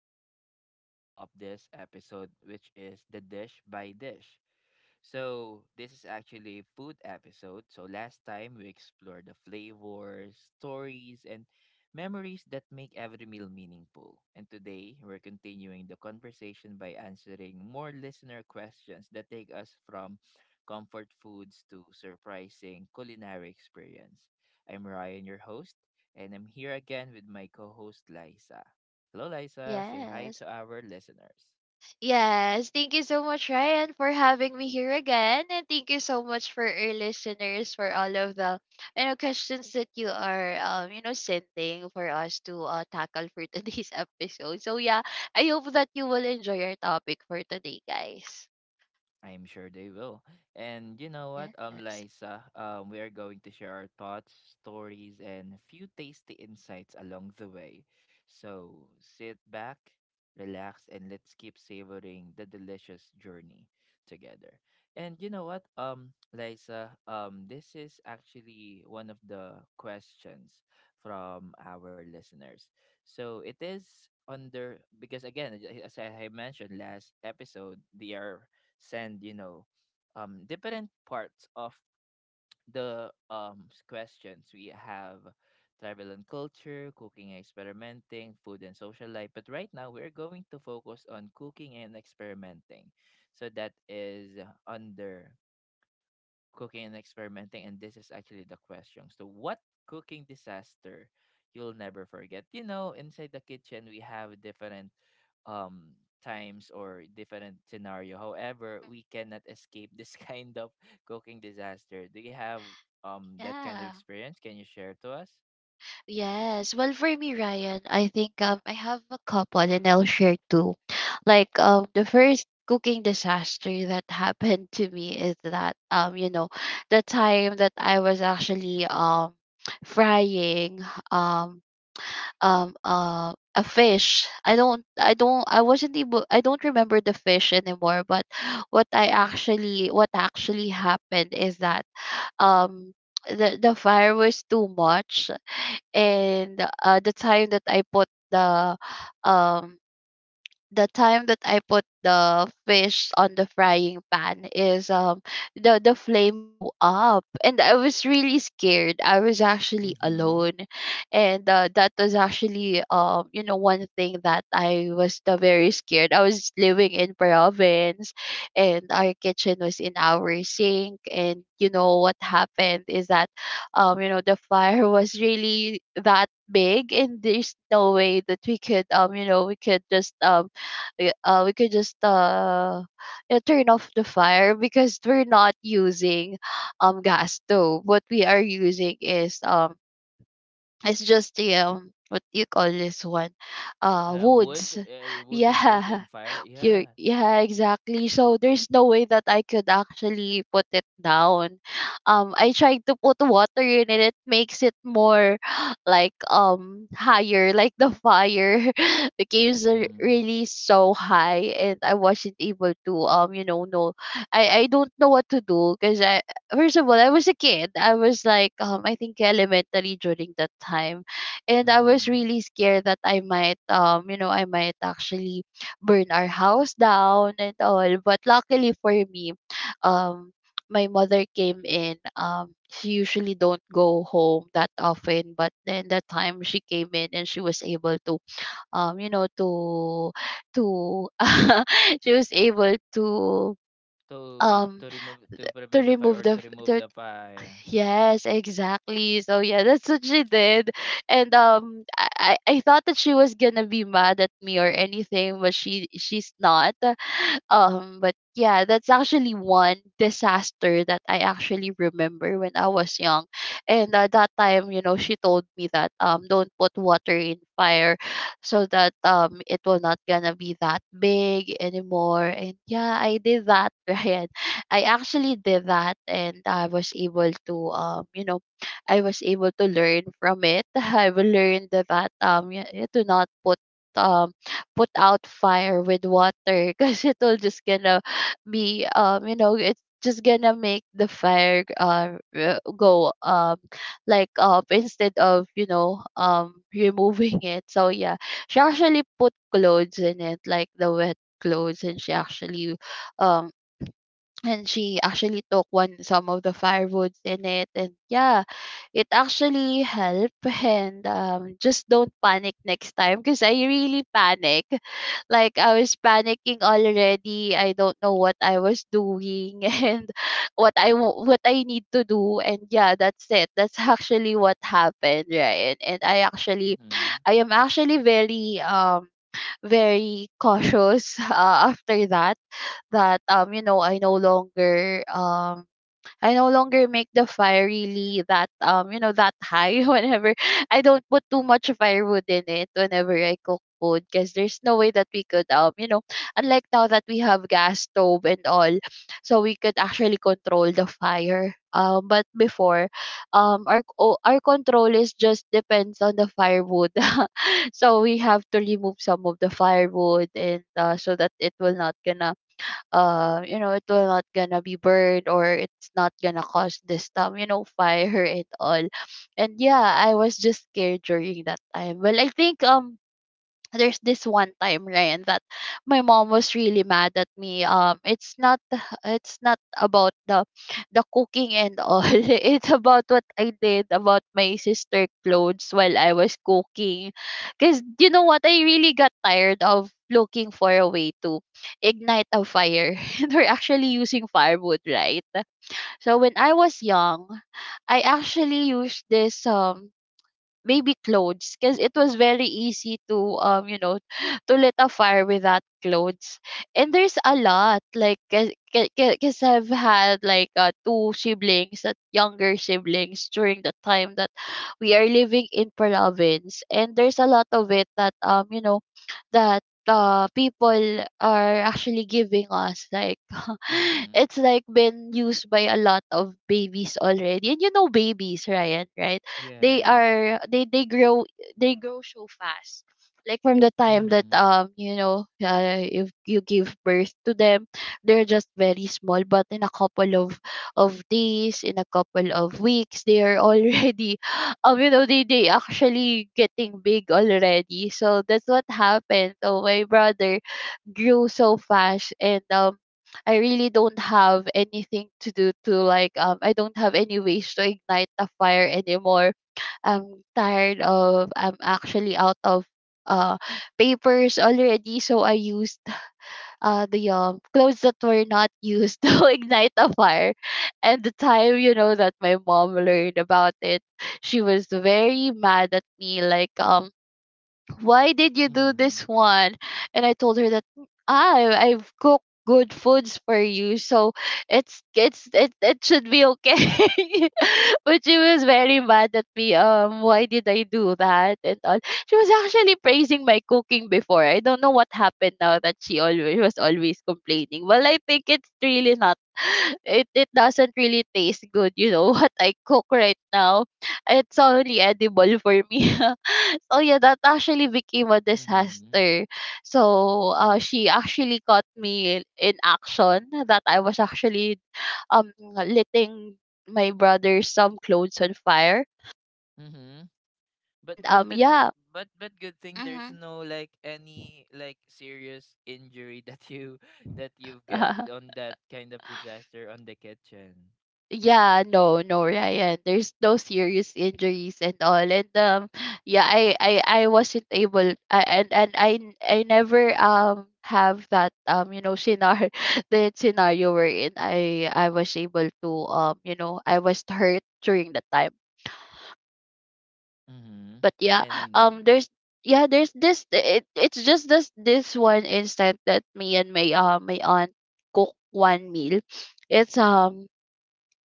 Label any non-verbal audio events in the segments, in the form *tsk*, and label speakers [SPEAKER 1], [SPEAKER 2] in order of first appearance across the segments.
[SPEAKER 1] to the part two of this episode, which is the dish by dish. So, this is actually a food episode. So, last time we explored the flavors, stories, and memories that make every meal meaningful. And today, we're continuing the conversation by answering more listener questions that take us from comfort foods to surprising culinary experience. I'm Ryan, your host, and I'm here again with my co host, Liza. Hello, Liza. Say hi
[SPEAKER 2] Yes.
[SPEAKER 1] to our listeners.
[SPEAKER 2] Yes. Thank you so much, Ryan, for having me here again. And thank you so much for our listeners for all of the questions that you are sending for us to tackle for *laughs* today's episode. So yeah, I hope that you will enjoy our topic for today, guys.
[SPEAKER 1] I'm sure they will. And you know what,
[SPEAKER 2] Yes.
[SPEAKER 1] Liza, we are going to share our thoughts, stories, and a few tasty insights along the way. So sit back, relax, and let's keep savoring the delicious journey together. And you know what, Liza, this is actually one of the questions from our listeners. So it is under, because again, as I mentioned last episode, they are send different parts of the questions we have: travel and culture, cooking and experimenting, food and social life. But right now we're going to focus on cooking and experimenting. So that is under cooking and experimenting. And this is actually the question. So what cooking disaster you'll never forget? Inside the kitchen we have different um times or different scenario. However, we cannot escape this *laughs* kind of cooking disaster. Do you have that kind of
[SPEAKER 2] Yeah.
[SPEAKER 1] experience? Can you share to us?
[SPEAKER 2] Yes. Well, for me, Ryan, I think I have a couple and I'll share two. Like the first cooking disaster that *laughs* happened to me is that the time that I was actually *tsk* frying um a fish. I wasn't able I don't remember the fish anymore, but what actually happened is that um the fire was too much, and the time that I put the um fish on the frying pan is, the flame go up and I was really scared. I was actually
[SPEAKER 1] Mm-hmm.
[SPEAKER 2] alone, and that was actually one thing that I was the very scared. I was living in province, and our kitchen was in our sink, and you know what happened is that the fire *laughs* was really that big, and there's no way that we could we could just we could just yeah, turn off the fire because we're not using gas stove. What we are using is, it's just the what do you call this one?
[SPEAKER 1] Wood,
[SPEAKER 2] Woods. *laughs*
[SPEAKER 1] you using wood and
[SPEAKER 2] Yeah.
[SPEAKER 1] fire? Yeah.
[SPEAKER 2] You Yeah, exactly. So there's no way that I could actually put it down. I tried to put water in it, it makes it more *gasps* like higher, like the fire *laughs* became
[SPEAKER 1] Mm-hmm.
[SPEAKER 2] really so high, and I wasn't able to, no, I don't know what to do because I, first of all, I was a kid. I was like, I think elementary during that time, and I was
[SPEAKER 1] Mm-hmm.
[SPEAKER 2] really scared that I might actually burn our house down and all. But luckily for me, um, my mother came in. She usually don't go home that often, but then that time she came in and she was able to, um, you know, to, to, *laughs* she was able
[SPEAKER 1] to
[SPEAKER 2] um
[SPEAKER 1] to remove, to
[SPEAKER 2] to
[SPEAKER 1] prevent the fire
[SPEAKER 2] remove
[SPEAKER 1] or
[SPEAKER 2] the
[SPEAKER 1] to remove the fire?
[SPEAKER 2] Yes, exactly. So yeah, that's what she did. And I thought that she was gonna be mad at me or anything, but she's not. *laughs* But yeah, that's actually one disaster that I actually remember when I was young. And at that time, you know, she told me that, don't put water in fire, so that, it will not gonna be that big anymore. And yeah, I did that, *laughs* right? I actually did that, and I was able to, I was able to learn from it. *laughs* I learned that, to not um put out fire with water *laughs* because it will just gonna, be you know it's just gonna make the fire, go like up instead of, *laughs* removing it. So yeah, she actually put clothes in it, like the wet clothes, um and she actually took one some of the firewoods in it, and yeah, it actually helped. *laughs* And just don't panic next time, because I really panic. *laughs* Like I was panicking already. I don't know what I was doing *laughs* and what I need to do. And yeah, that's it. That's actually what happened, right? And
[SPEAKER 1] Mm-hmm.
[SPEAKER 2] I am actually very very cautious *laughs* after that, I no longer make the fire really that high *laughs* whenever I don't put too much firewood in it whenever I cook food, because there's no way that we could, unlike now that we have gas stove and all, so we could actually control the fire. But before, our control is just depends on the firewood. *laughs* So we have to remove some of the firewood and, so that it will not gonna, be burned, or it's not gonna cause this, *laughs* fire and all. And yeah, I was just scared during that time. Well, I think, there's this one time, Ryan, that my mom was really mad at me, it's not about the cooking and all, *laughs* it's about what I did about my sister clothes while I was cooking, cuz you know what, I really got tired of looking for a way to ignite a fire, *laughs* and we're actually using firewood, right? So when I was young, I actually used this, maybe clothes, because it was very easy to, *gasps* *sighs* to lit a fire without clothes. And there's a lot, like, because I've had, like, two siblings, that younger siblings during the time that *gasps* we are living in province, and there's a lot of it that, *sniffs* that people are actually giving us, like, *laughs*
[SPEAKER 1] Mhm.
[SPEAKER 2] it's like been used by a lot of babies already. And you know babies, Ryan, right?
[SPEAKER 1] Yeah.
[SPEAKER 2] They grow, they grow so fast. Like from the time that,
[SPEAKER 1] Mhm.
[SPEAKER 2] if you give birth to them, they're just very small, but in a couple of days, in a couple of weeks, they are already *laughs* they actually getting big already. So that's what happened. So my brother grew so fast, and I really don't have anything to do, to like I don't have any ways to ignite a fire anymore. I'm actually out of, uh papers already, so I used, the, clothes that were not used *laughs* to ignite a fire. And the time, that my mom learned about it, she was very mad at me, like, why did you do
[SPEAKER 1] Mhm.
[SPEAKER 2] this one? And I told her that, I've cooked good foods for you, so it should be okay. *laughs* But she was very mad at me. Why did I do that and all? She was actually praising my cooking before. I don't know what happened, now that she always complaining. Well, I think it's really not. *sighs* It doesn't really taste good. You know *laughs* what I cook right now. It's only edible for me. *laughs* So yeah, that actually became a
[SPEAKER 1] Mhm.
[SPEAKER 2] disaster. So she actually caught me in action, that I was actually, um letting my brother some clothes on fire.
[SPEAKER 1] Mhm.
[SPEAKER 2] And
[SPEAKER 1] But that
[SPEAKER 2] yeah.
[SPEAKER 1] but good thing there's
[SPEAKER 2] Hmm.
[SPEAKER 1] no, like, any like serious injury that you *laughs* that you've get
[SPEAKER 2] *laughs*
[SPEAKER 1] on that kind of disaster on the kitchen.
[SPEAKER 2] Yeah, no, no, Ryan. There's no serious injuries and all. And yeah, I wasn't able. I, and I, n- I never have that, scenario, *laughs* the scenario wherein I was able to you know I was hurt during the time.
[SPEAKER 1] Mhm.
[SPEAKER 2] But yeah,
[SPEAKER 1] And
[SPEAKER 2] there's, yeah, there's this. It's just this one instant that me and my aunt cook one meal. It's um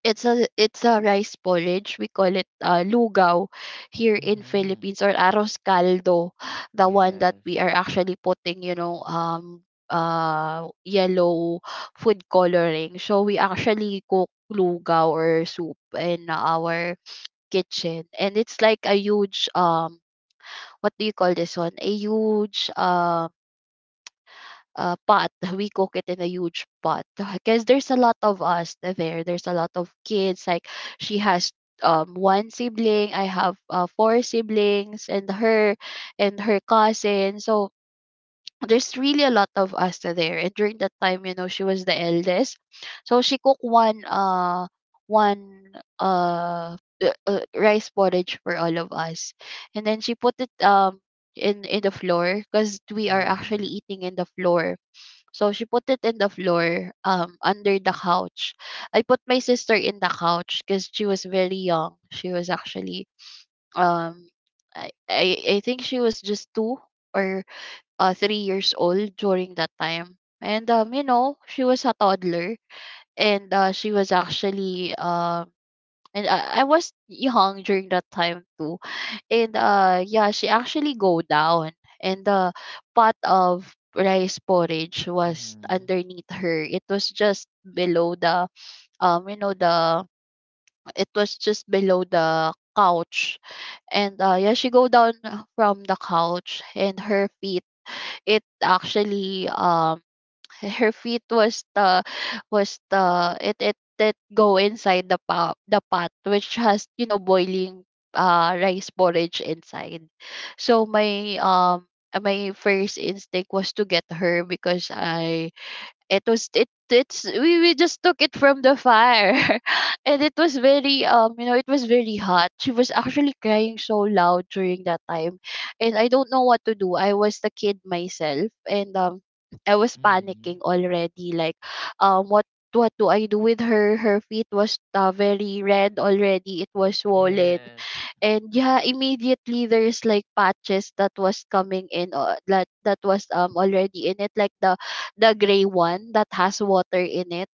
[SPEAKER 2] it's a rice porridge. We call it, lugaw here in
[SPEAKER 1] mhm.
[SPEAKER 2] Philippines, or arroz caldo, the one that
[SPEAKER 1] Yes.
[SPEAKER 2] we are actually putting, yellow food coloring. So we actually cook lugaw or soup in our kitchen, and it's like a huge, what do you call this one? A huge, pot. *laughs* We cook it in a huge pot *laughs* because there's a lot of us there. There's a lot of kids. Like, she has, one sibling. I have, four siblings, and her cousin. So there's really a lot of us there. And during that time, you know, she was the eldest, so she cooked one uh, uh rice porridge for all of us, and then she put it, in the floor, because we are actually
[SPEAKER 1] Mhm.
[SPEAKER 2] eating in the floor, so she put it in the floor, under the couch. I put my sister in the couch, because she was very young. She was actually, um, I think she was just 2 or 3 years old during that time. And, she was a toddler. And she was actually, and I was young during that time too. And yeah She actually go down, and the pot of rice porridge was
[SPEAKER 1] Mhm.
[SPEAKER 2] underneath her. It was just below the, um you know the it was just below the couch. And yeah She go down from the couch, and her feet, it actually, *laughs* her feet was the, it go inside the pot, the pot which has, you know, boiling rice porridge inside. So my my first instinct was to get her, because I it was, it it's we just took it from the fire, *laughs* and it was very, you know, it was very hot. She was actually crying so loud during that time, and I don't know what to do. I was the kid myself, and I was
[SPEAKER 1] Mhm.
[SPEAKER 2] panicking already, like, um what what do I do with her? Her feet was, very red already. It was swollen.
[SPEAKER 1] Yes.
[SPEAKER 2] And yeah, immediately there's like patches that was coming in, that was already in it, like the gray one that has water in it.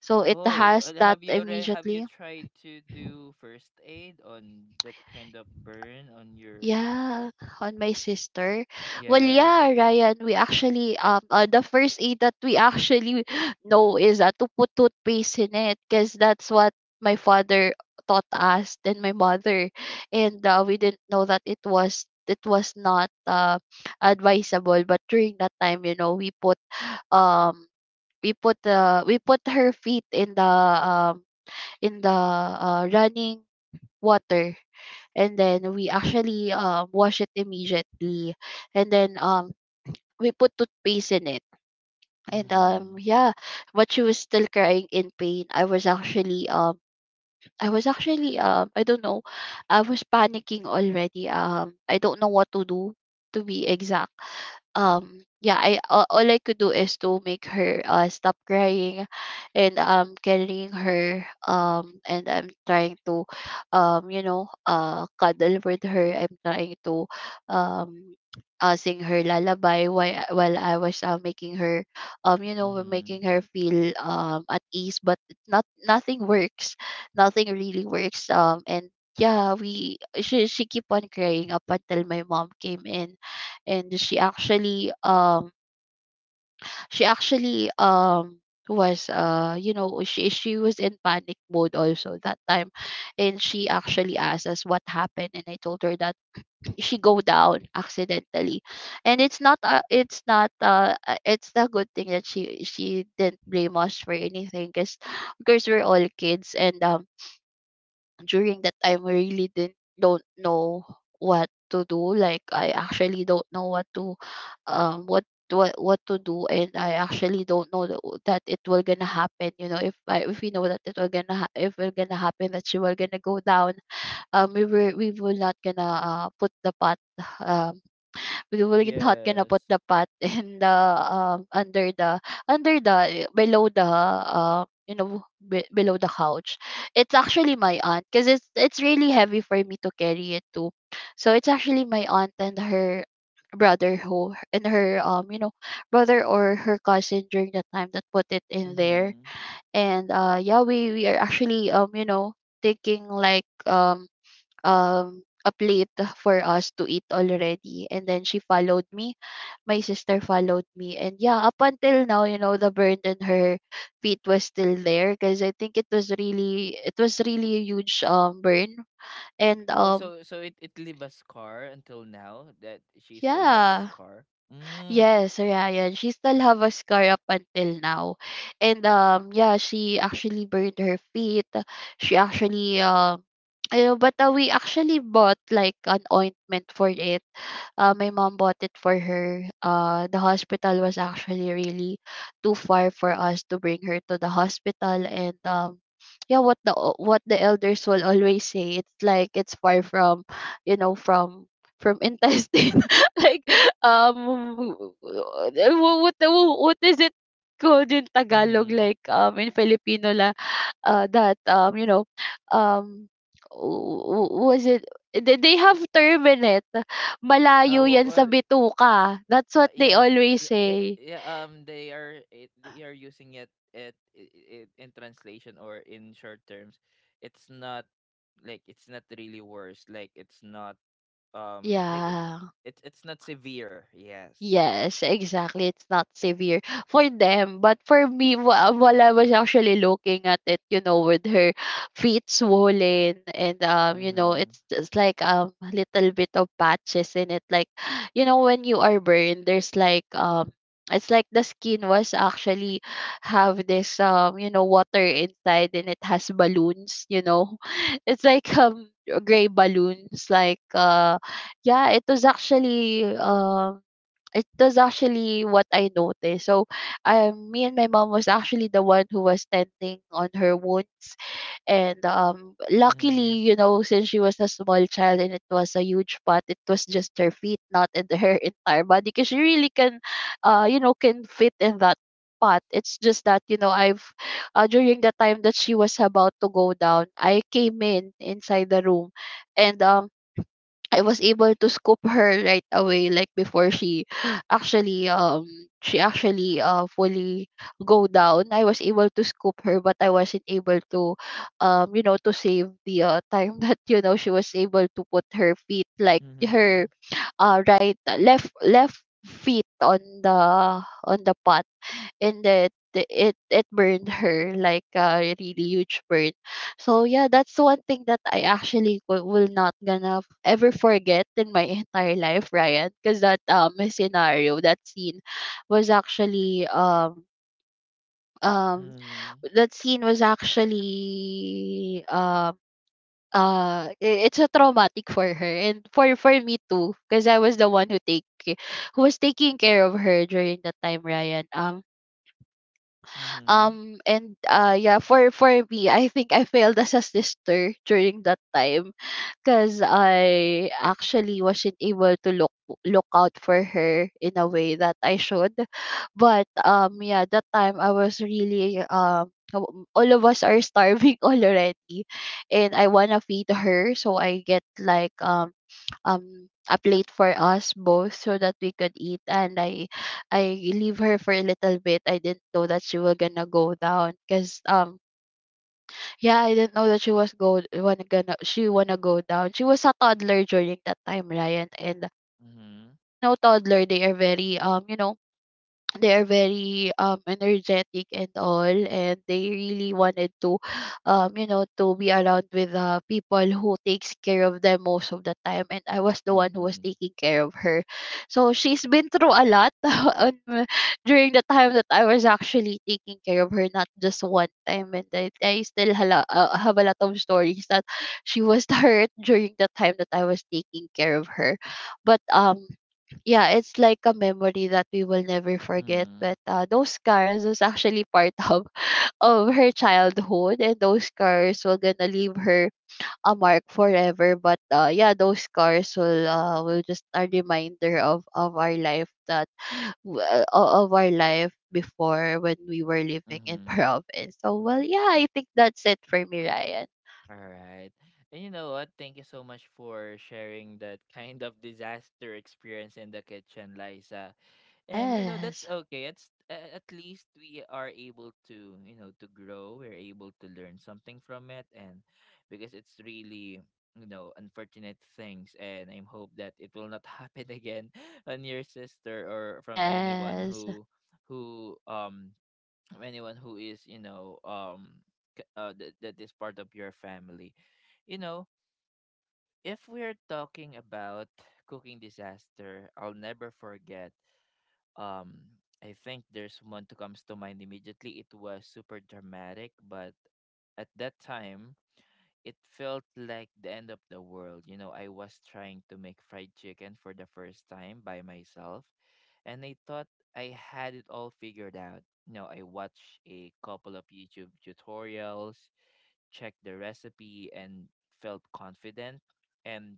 [SPEAKER 2] So it
[SPEAKER 1] Oh, and
[SPEAKER 2] has that
[SPEAKER 1] have you
[SPEAKER 2] immediately.
[SPEAKER 1] tried to do first aid on that kind of burn on your
[SPEAKER 2] Yeah, on my sister. Well,
[SPEAKER 1] Yes.
[SPEAKER 2] yeah, Ryan, we actually the first aid that we actually *gasps* *laughs* know is, to put toothpaste in it, because that's what my father taught us, then my mother. And We didn't know that it was, not advisable, but during that time, you know, we put, um we put, we put her feet in the, um in the, running water, and then we actually, wash it immediately, and then, we put toothpaste in it. And
[SPEAKER 1] Mm-hmm.
[SPEAKER 2] yeah But she was still crying in pain. I was actually, I don't know, I was panicking already. I don't know what to do, to be exact. Yeah all I could do is to make her stop crying, and carrying her, and I'm trying to, you know, cuddle with her. I'm trying to, um sing her lullaby while I was, making her, you know,
[SPEAKER 1] Mm-hmm.
[SPEAKER 2] making her feel, at ease, but not, nothing works. Nothing really works. And Yeah, we she keep on crying up until my mom came in, and she actually, she actually um was, you know, she was in panic mode also that time. And she actually asked us what happened, and I told her that she go down accidentally. And it's not, it's not, it's the good thing that she didn't blame us for anything, because we're all kids, and during that time we really didn't don't know what to do. Like, I actually don't know what to, um what what to do. And I actually don't know that, that it will gonna happen. You know, if I if we know that it will gonna if it gonna happen that she will gonna go down, we were not gonna, put the pot, um we will not gonna
[SPEAKER 1] Yes.
[SPEAKER 2] put the pot *laughs* in the, under the, below the, you know, below the couch. It's actually my aunt, because it's really heavy for me to carry it too. So it's actually my aunt and her brother who, and her, you know, brother or her cousin during that time that put it in there.
[SPEAKER 1] Mm-hmm.
[SPEAKER 2] And yeah We are actually, you know, taking like, a plate for us to eat already, and then she followed me. My sister followed me. And yeah, up until now, you know, the burn in her feet was still there, because I think it was really, it was really a huge burn. And
[SPEAKER 1] Oh, so it leave a scar until now that she still have the
[SPEAKER 2] Yeah.
[SPEAKER 1] scar. Mm.
[SPEAKER 2] Yes, Ryan. She still have a scar up until now. And Yeah, she actually burned her feet. She actually, you know, but we actually bought like an ointment for it. My mom bought it for her. The hospital was actually really too far for us to bring her to the hospital. And Yeah, what the what the elders will always say, it's like it's far from, you know, from *laughs* intestine. *laughs* Like, um wh- what the- what is it called in Tagalog,
[SPEAKER 1] Mm-hmm.
[SPEAKER 2] like, in Filipino la, that, you know, um was it, they have term in it.
[SPEAKER 1] Uh,
[SPEAKER 2] Malayo
[SPEAKER 1] what
[SPEAKER 2] yan sa
[SPEAKER 1] what?
[SPEAKER 2] bituka, that's
[SPEAKER 1] Uh,
[SPEAKER 2] what they
[SPEAKER 1] yes.
[SPEAKER 2] always say.
[SPEAKER 1] Yeah. They they are using it in translation or in short terms. It's not, like, it's not really worse. Like it's not, like
[SPEAKER 2] Yeah.
[SPEAKER 1] it's not severe. Yes.
[SPEAKER 2] Yes, exactly. It's not severe for them, but for me, while I was actually looking at it, you know, with her feet swollen, and you know,
[SPEAKER 1] Mm-hmm.
[SPEAKER 2] it's just like a little bit of patches in it. Like, you know, when you are burned, there's like, it's like the skin was actually have this, you know, water inside, and it has balloons. You know, *laughs* it's like, gray balloons. Like, yeah, it was actually, it was actually what I noticed. So, me and my mom was actually the one who was tending on her wounds. And
[SPEAKER 1] Mm-hmm.
[SPEAKER 2] Luckily, you know, since she was a small child and it was a huge pot, it was just her feet, not in the *laughs* her entire body, because she really can, you know, can fit in that pot. It's just that, you know, I've, during the time that she was about to go down, I came in inside the room, and I was able to scoop her right away, like before she *gasps* actually, she actually, fully go down. I was able to scoop her, but I wasn't able to, you know, to save the, time *laughs* that, you know, she was able to put her feet, like
[SPEAKER 1] Mm-hmm.
[SPEAKER 2] her, right, left feet on the, on the pot, and that it it burned her like a really huge burn. So yeah, that's one thing that I actually will not gonna ever forget in my entire life, Ryan, because that, scenario, that scene, was actually, um
[SPEAKER 1] Mm-hmm.
[SPEAKER 2] that scene was actually, it's a traumatic for her, and for me too, because I was the one who who was taking care of her during that time, Ryan.
[SPEAKER 1] Mm-hmm.
[SPEAKER 2] And Yeah, for me, I think I failed as a sister during that time, because I actually wasn't able to look, out for her in a way that I should. But, yeah, that time I was really, all of us are starving *laughs* already, and I want to feed her, so I get like, a plate for us both, so that we could eat, and I leave her for a little bit. I didn't know that she was gonna go down, because, yeah, I didn't know that she was go wanna gonna she wanna go down. She was a toddler during that time, Ryan, and
[SPEAKER 1] Mm-hmm.
[SPEAKER 2] you know, toddler, they are very, you know, they are very, energetic and all, and they really wanted to, you know, to be around with, people who takes care of them most of the time, and I was the one who was
[SPEAKER 1] Mm-hmm.
[SPEAKER 2] taking care of her. So she's been through a lot *laughs* during the time that I was actually taking care of her, not just one time. And I still hala, have a lot of stories that she was *laughs* hurt during the time that I was taking care of her. But, yeah, it's like a memory that we will never forget.
[SPEAKER 1] Mm-hmm.
[SPEAKER 2] But, those scars was actually part *laughs* of her childhood, and those scars will gonna leave her a mark forever. But, yeah, those scars will, will just a reminder of our life that *sighs* of our life before, when we were living in *laughs*
[SPEAKER 1] Mm-hmm.
[SPEAKER 2] province. So well, yeah, I think that's it for me, Ryan.
[SPEAKER 1] All right. And you know what? Thank you so much for sharing that kind of disaster experience in the kitchen, Liza. And, that's
[SPEAKER 2] Yes,
[SPEAKER 1] okay. At least we are able to, to grow. We're able to learn something from it. And because it's really unfortunate things, and I hope that it will not happen again *laughs* on your sister or from anyone
[SPEAKER 2] yes,
[SPEAKER 1] who um who is, that is part of your family. you know if we're talking about cooking disaster I'll never forget, um I think there's one that comes to mind immediately. It was super dramatic, but at that time it felt like the end of the world. You know, I was trying to make fried chicken for the first time by myself, and I thought I had it all figured out. You know, I watched a couple of YouTube tutorials, checked the recipe, and felt confident. And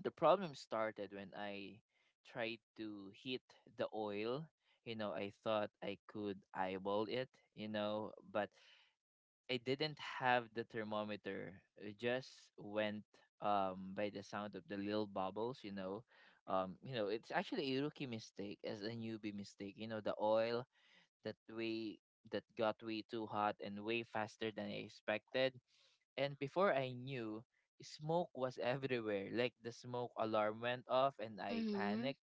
[SPEAKER 1] the problem started when I tried to heat the oil. You know, I thought I could eyeball it, you know, but I didn't have the thermometer. It just went by the sound of the little bubbles, you know. It's actually a rookie mistake as a newbie mistake. You know, the oil that we that got way too hot and way faster than I expected. And before I knew, smoke was *laughs* everywhere. Like the smoke alarm went off and I
[SPEAKER 2] hmm,
[SPEAKER 1] panicked,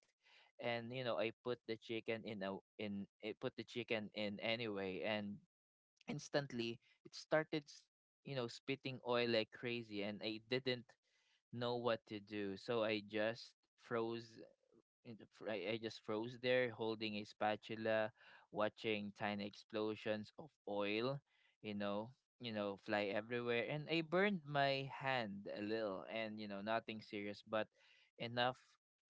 [SPEAKER 1] and, I put the chicken in a in I put the chicken in anyway. And instantly it started spitting oil like crazy, and I didn't know what to do, so I just froze in the fr- I just froze there holding a spatula, watching tiny explosions of oil, you know fly everywhere. And I burned my hand a little, and, nothing serious, but enough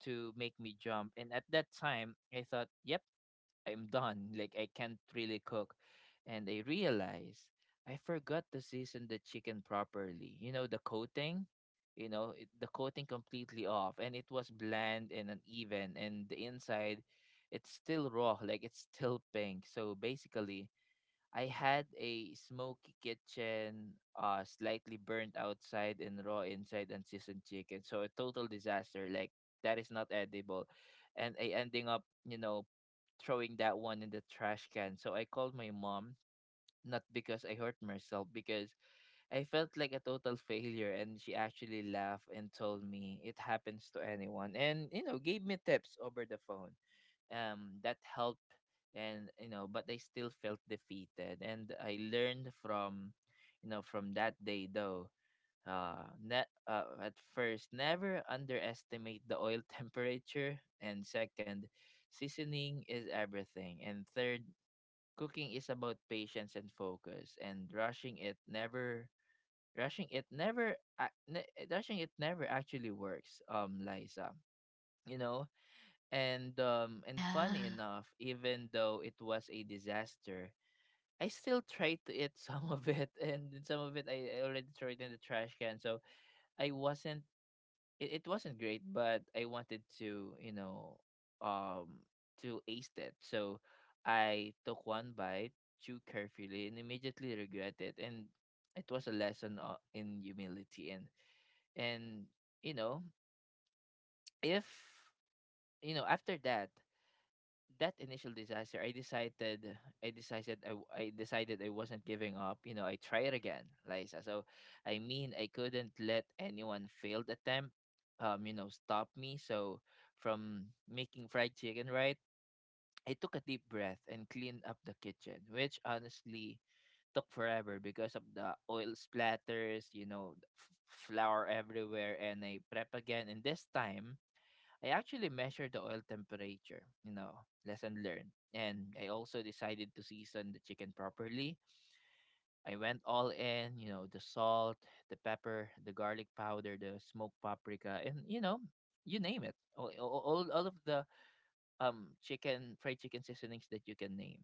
[SPEAKER 1] to make me jump. And at that time I thought, yep, I'm done. Like I can't really cook. And I realized I forgot to season the chicken properly. You know, the coating, the coating completely off, and it was bland and uneven, and the inside it's still raw, like it's still pink. So basically, I had a smoky kitchen, slightly burnt outside and raw inside and seasoned chicken. So a total disaster. Like that is not edible, and I ending up, throwing that one in the trash can. So I called my mom, not because I hurt myself, because I felt like a total failure, and she actually laughed and told me it happens to anyone, and, gave me tips over the phone. That helped, and, but I still felt defeated, and I learned from that day though. At first, never underestimate the oil *laughs* temperature. And second, seasoning is everything. And third, cooking is about patience and focus, and rushing it never actually works, Liza you know and funny
[SPEAKER 2] yeah,
[SPEAKER 1] enough, even though it was a disaster, I still tried to eat *laughs* some of it, and then some of it I already threw it in the trash can. So I wasn't, it wasn't great, but I wanted to, um to ace it. So I took one bite, chewed carefully, and immediately regret it. And it was a lesson, in humility, and you know if you know after that initial disaster, I decided I wasn't giving up. You know, I tried again, Liza. So I mean, I couldn't let anyone failed attempt, stop me, from making fried chicken, right? I took a deep breath and cleaned up the kitchen, which honestly took forever because of the oil splatters, flour everywhere. And I prep again, and this time I actually measured the oil temperature, you know, lesson learned. And I also decided to season the chicken properly. I went all in, you know, the salt, the pepper, the garlic powder, the smoked paprika, and, you name it. All of the chicken fried chicken seasonings that you can name.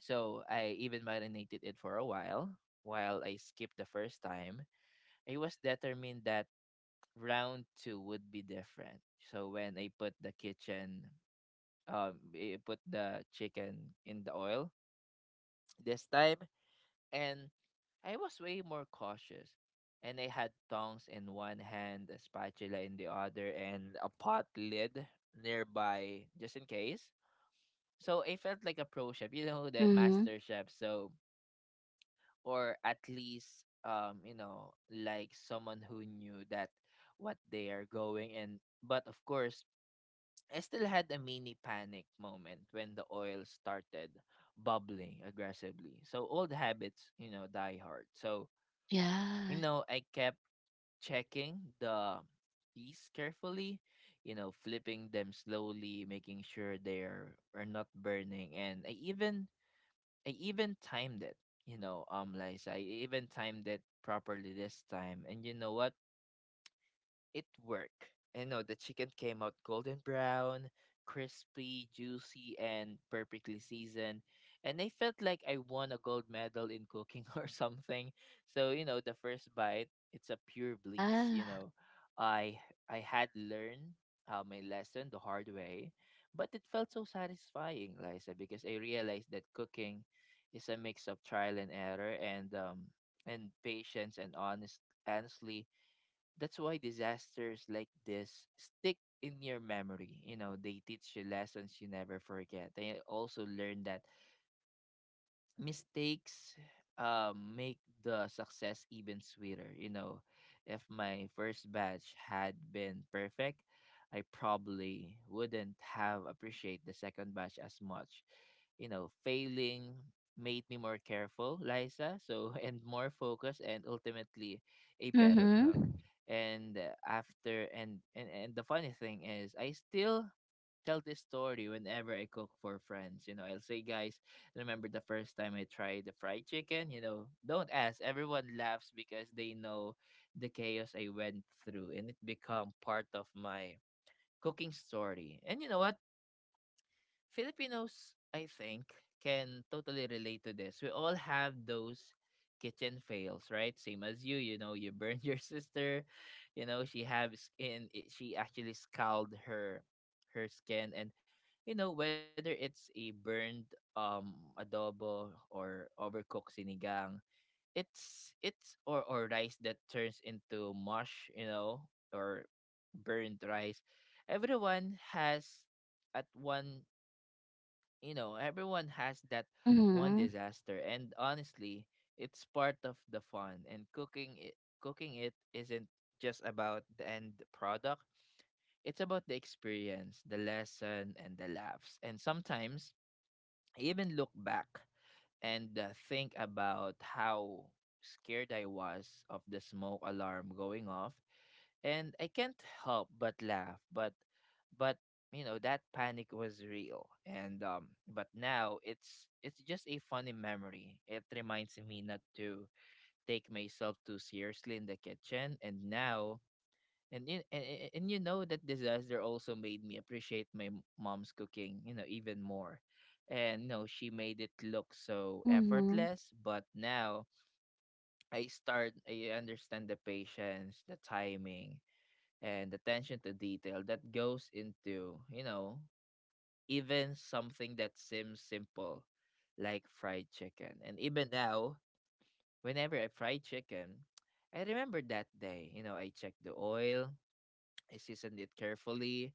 [SPEAKER 1] So I even marinated it for a while. While I skipped the first time, I was determined that round two would be different. So when I put the chicken in the oil this time, and I was way more cautious, and I had tongs in one hand, a spatula in the other and a pot lid nearby, just in case. So I felt like a pro chef, you know, that
[SPEAKER 2] hmm,
[SPEAKER 1] master chef. So, or at least, you know, like someone who knew that what they are going. And but of course I still had a mini panic moment when the oil started bubbling aggressively. So old habits, you know, die hard. So, you
[SPEAKER 2] yeah.
[SPEAKER 1] know, I kept checking the keys carefully, you know, flipping them slowly, making sure they're are not burning. And I even timed it, you know, Liza. I even timed it properly this time. And you know what? It worked. And no, the chicken came out golden brown, crispy, juicy, and perfectly seasoned. And I felt like I won a gold medal in cooking *laughs* or something. So, you know, the first bite, it's a pure bliss,
[SPEAKER 2] Yeah.
[SPEAKER 1] you know. I I had learned, my lesson the hard way, but it felt so satisfying, Liza, because I realized that cooking is a mix of trial and error and, patience, and honestly that's why disasters like this stick in your memory. You know, they teach you lessons you never forget. They also learn that mistakes, make the success even sweeter. You know, if my first batch had been perfect, I probably wouldn't have appreciated the second batch as much. You know, failing made me more careful, Liza, so *laughs* and more focused and ultimately a better cook.
[SPEAKER 2] Mhm.
[SPEAKER 1] And uh, after, and the funny thing is I still tell this story whenever I cook for friends. You know, I'll say, guys, remember the first time I tried the fried chicken? You know, don't ask. Everyone laughs because they know the chaos I went through and it become part of my cooking story. And you know what? Filipinos, I think, can totally relate to this. We all have those kitchen fails, right? Same as you, you know, you burned *laughs* your sister, she has in it, she actually scalded her skin. And you know whether it's a burned adobo or overcooked sinigang, it's or rice that turns into mush, you know, or burnt rice. Everyone has at one Everyone has that one
[SPEAKER 2] Mhm.
[SPEAKER 1] disaster, and honestly, it's part of the fun. And cooking it isn't just about the end product. It's about the experience, the lesson, and the laughs. And sometimes I even look back and think about how scared I was of the smoke alarm going off. And I can't help but laugh, but you know that panic was real. And but now it's just a funny memory. It reminds me not to take myself too seriously in the kitchen. And now and you know that disaster also made me appreciate my mom's cooking, you know, even more. And you know she made it look so
[SPEAKER 2] Mhm.
[SPEAKER 1] effortless, but now I understand the patience, the timing, and attention to detail that goes into, you know, even something that seems simple like fried chicken. And even now, whenever I fry chicken, I remember that day. You know, I checked the oil, I seasoned it carefully,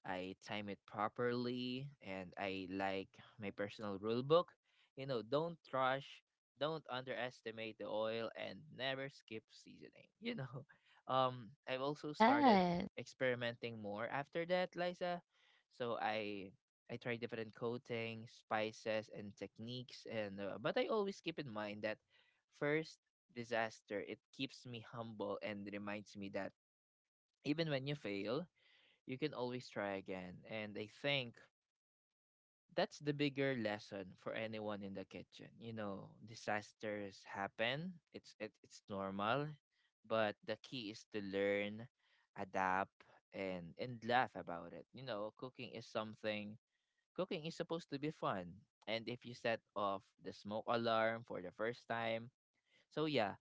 [SPEAKER 1] I time it properly, and I like my personal rule book. You know, don't rush, don't underestimate the oil, and never skip seasoning. *laughs* I've also started
[SPEAKER 2] Yes.
[SPEAKER 1] experimenting more after that, Liza. So I try different coatings, spices, and techniques. And but I always keep in mind that first disaster. It keeps me humble and reminds me that even when you fail, you can always try again. And I think that's the bigger lesson for anyone in the kitchen. You know, disasters happen. It's normal, but the key is to learn, adapt, and laugh about it. You know, cooking is something. Cooking is supposed to be fun. And if you set off the smoke alarm for the first time, so yeah,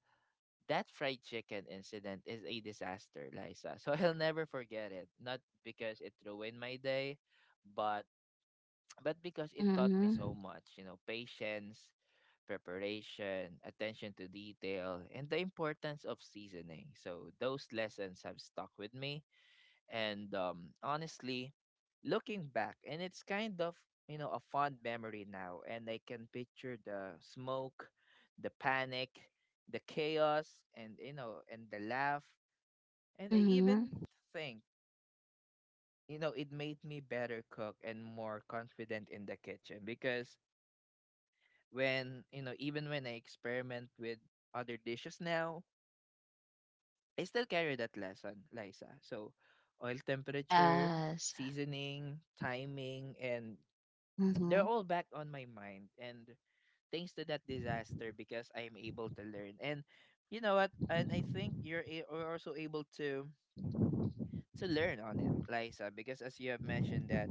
[SPEAKER 1] that fried chicken incident is a disaster, Liza. So *laughs* I'll never forget it. Not because it ruined my day, but but because it taught me so
[SPEAKER 2] Mhm.
[SPEAKER 1] much, you know, patience, preparation, attention to detail, and the importance of seasoning. So those lessons have stuck with me. And honestly, looking back, and it's kind of, you know, a fond memory now. And I can picture the smoke, the panic, the chaos, and, you know, and the laugh. And I
[SPEAKER 2] Mhm.
[SPEAKER 1] even think, you know, it made me better cook and more confident in the kitchen, because when you know even when I experiment with other dishes now, I still carry that lesson, Liza. So oil temperature,
[SPEAKER 2] Yes.
[SPEAKER 1] seasoning, timing, and they're
[SPEAKER 2] Mhm.
[SPEAKER 1] all back on my mind, and thanks to that disaster, because I'm able to learn. And you know what? And I think you're, are also able to learn on it, Liza, because as you have mentioned that,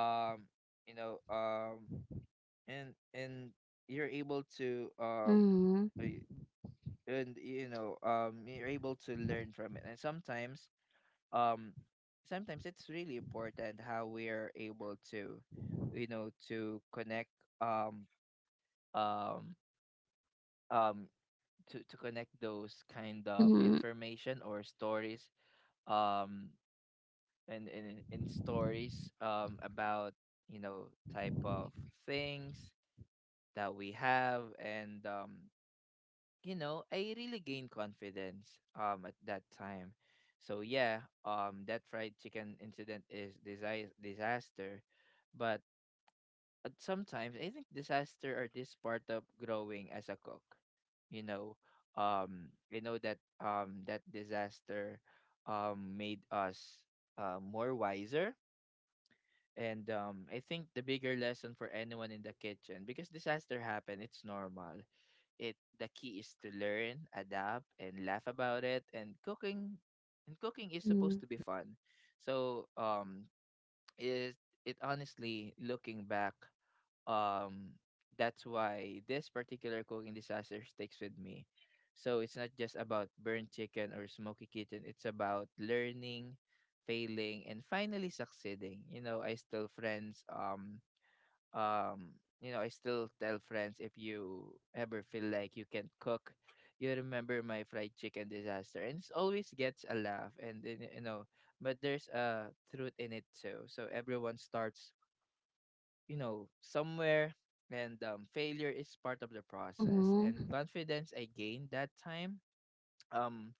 [SPEAKER 1] um, you know, and you're able to
[SPEAKER 2] Mhm.
[SPEAKER 1] uh, and, you know, you're able to learn from it. And sometimes, um, sometimes it's really important how we are able to, you know, to connect um um um to connect those kind of
[SPEAKER 2] Mhm.
[SPEAKER 1] information or stories, um and in stories about, you know, type of things that we have. And you know I really gained confidence at that time. So yeah, that fried chicken incident is disaster. But sometimes I think disaster are this part of growing as a cook. You know, you know that that disaster made us more wiser. And I think the bigger lesson for anyone in the kitchen, because disaster happen, it's normal. It the key is to learn, adapt, and laugh about it. And cooking is supposed
[SPEAKER 2] Mhm.
[SPEAKER 1] to be fun. So it it honestly looking back, um that's why this particular cooking disaster sticks with me. So it's not just about burnt chicken or smoky kitchen, it's about learning, failing, and finally succeeding. Um you know, I still tell friends, if you ever feel like you can't cook, you remember my fried chicken disaster. And it always gets a laugh. And then, you know, but there's a truth in it too. So everyone starts, you know, somewhere. And failure is part of the process.
[SPEAKER 2] Mhm.
[SPEAKER 1] And confidence I gained that time, um,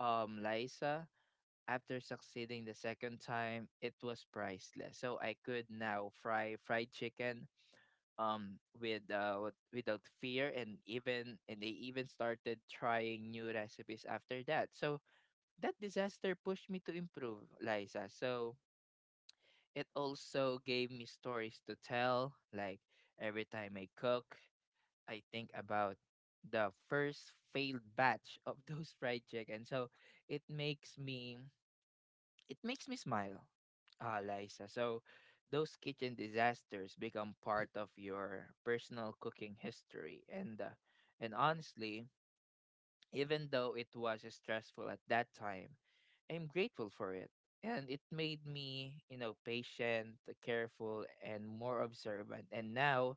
[SPEAKER 1] Liza, after succeeding the second time, it was priceless. So I could now fry fried chicken without fear. And even and they even started trying new recipes after that. So that disaster pushed me to improve, Liza. So it also gave me stories to tell. Like, every time I cook, I think about the first failed batch of *laughs* those fried chicken. So it makes me it makes me smile, Liza. So those kitchen disasters become part of your personal cooking history. And and honestly, even though it was stressful at that time, I'm grateful for it. And it made me, you know, patient, careful, and more observant. And now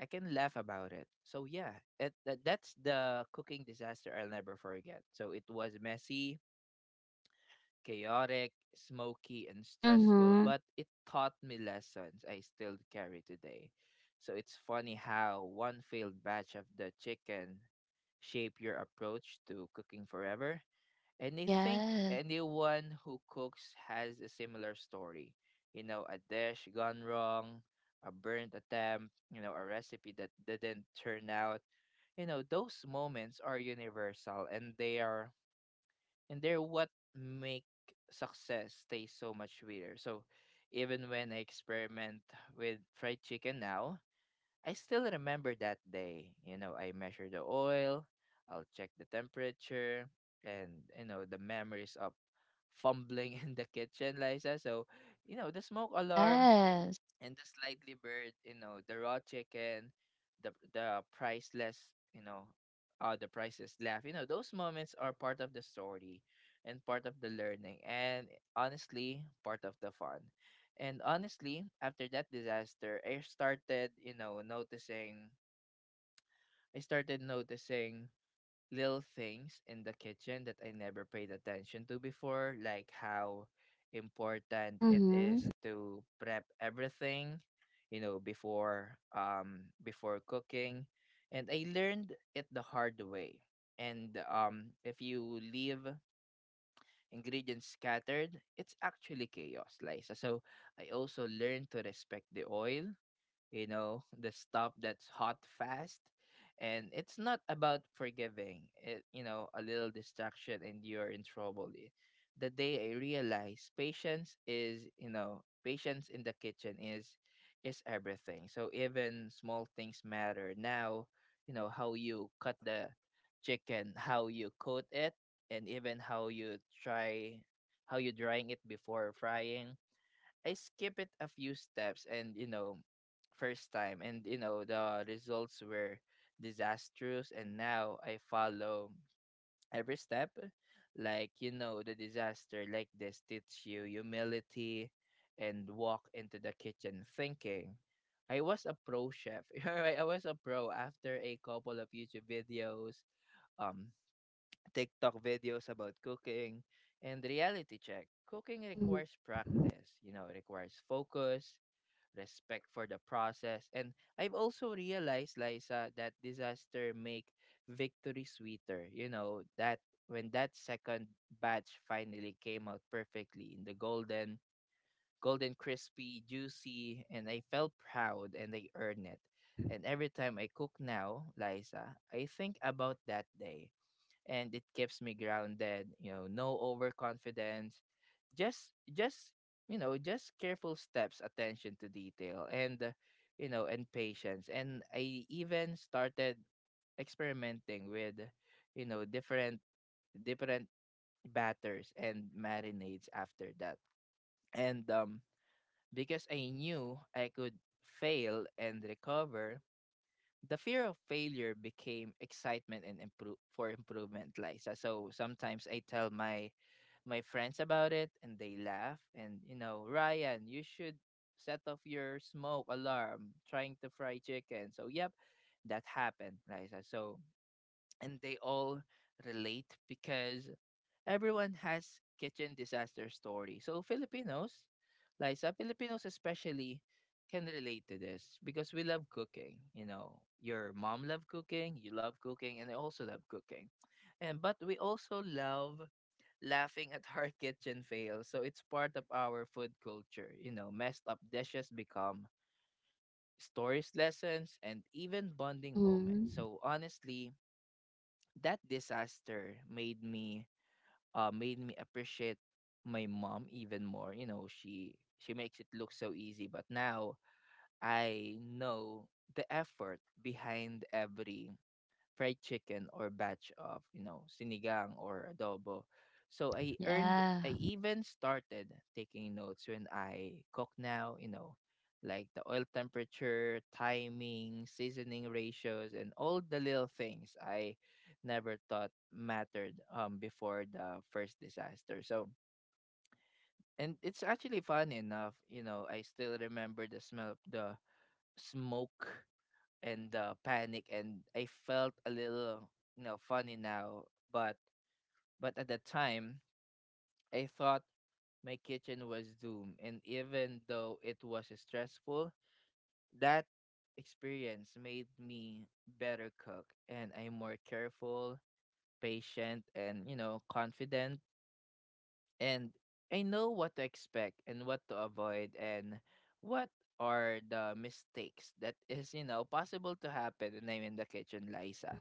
[SPEAKER 1] I can laugh about it. So yeah, it, that that's the cooking disaster I'll never forget. So it was messy, chaotic, smoky, and stressful,
[SPEAKER 2] Mhm.
[SPEAKER 1] but it taught me lessons I still carry today. So it's funny how one failed batch of the chicken shape your approach to cooking forever. And I think
[SPEAKER 2] Yes.
[SPEAKER 1] anyone who cooks has a similar story. You know, a dish gone wrong, a burnt attempt, you know, a recipe that didn't turn out. You know, those moments are universal, and they are and they're what make success taste so much sweeter. So even when I experiment with fried chicken now, I still remember that day. You know, I measure the oil, I'll check the temperature, and you know the memories of fumbling *laughs* in the kitchen, Liza. So, you know, the smoke alarm,
[SPEAKER 2] Yes.
[SPEAKER 1] and the slightly bird, you know, the raw chicken, the priceless, you know, the priceless laugh. You know, those moments are part of the story, and part of the learning, and honestly, part of the fun. And honestly, after that disaster, I started, you know, noticing. I started noticing little things in the kitchen that I never paid attention to before, like how important it
[SPEAKER 2] Mhm.
[SPEAKER 1] is to prep everything, you know, before before cooking. And I learned it the hard way. And if you leave ingredients scattered, it's actually chaos, Liza. So I also learned to respect the oil. You know, the stuff that's hot fast, and it's not about forgiving it. You know, a little distraction and you're in trouble. The day I realized patience is, you know, patience in the kitchen is everything. So even small things matter now. You know, how you cut the chicken, how you coat it, and even how you try, how you drying it before frying. I skip it a few steps, and you know first time, and you know the results were disastrous. And now I follow every step. Like, you know, the disaster like this teach you humility, and walk into the kitchen thinking I was a pro chef. *laughs* I was a pro after a couple of YouTube videos, um, TikTok videos about cooking, and reality check. Cooking
[SPEAKER 2] Mhm.
[SPEAKER 1] requires practice, you know, it requires focus, respect for the process. And I've also realized, Liza, that disaster make victory sweeter. You know, that when that second batch finally came out perfectly in the golden crispy, juicy, and I felt proud and I earned it. And every time I cook now, Liza, I think about that day, and it keeps me grounded. You know, no overconfidence, just you know just careful steps, attention to detail, and you know, and patience. And I even started experimenting with, you know, different batters and marinades after that. And because I knew I could fail and recover, the fear of failure became excitement and improve for improvement, Liza. So sometimes I tell my friends about it, and they laugh and you know, Ryan, you should set off your smoke alarm trying to fry chicken. So yep, that happened, Liza. So and they all relate because everyone has kitchen disaster story. So Filipinos, Liza, Filipinos especially can relate to this because we love cooking. You know, your mom love cooking, you love cooking, and I also love cooking. And but we also love laughing at our *laughs* kitchen fails. So it's part of our food culture. You know, messed up dishes become stories, lessons, and even bonding moments.
[SPEAKER 2] Mhm.
[SPEAKER 1] So honestly, that disaster made me appreciate my mom even more. You know, she makes it look so easy, but now I know the effort behind every fried chicken or batch of, you know, sinigang or adobo. So
[SPEAKER 2] Yeah.
[SPEAKER 1] I even started taking notes when I cook now, you know, like the oil temperature, timing, seasoning ratios, and all the little things I never thought mattered before the first disaster. So, and it's actually fun enough, you know, I still remember the smell of the smoke and panic, and I felt a little, you know, funny now, but but at the time I thought my kitchen was doomed. And even though it was stressful, that experience made me better cook, and I'm more careful, patient, and, you know, confident. And I know what to expect and what to avoid, and what are the mistakes that is, you know, possible to happen when I'm in the kitchen,
[SPEAKER 2] Mm.
[SPEAKER 1] Liza.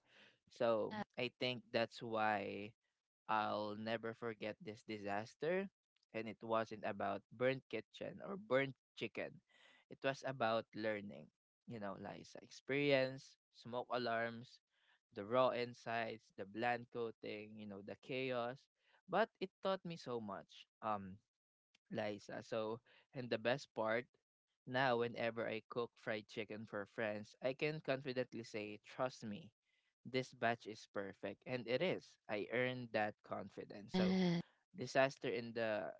[SPEAKER 1] So I think that's why I'll never forget this disaster. And it wasn't about burnt kitchen or burnt chicken. It was about learning, you know, Liza. Experience, smoke alarms, the raw insights, the bland coating, you know, the chaos. But it taught me so much. Liza. So, and the best part, now whenever I cook fried chicken for friends, I can confidently say, trust me, this batch is perfect. And it is. I earned that confidence. So,
[SPEAKER 2] Yes.
[SPEAKER 1] disaster in the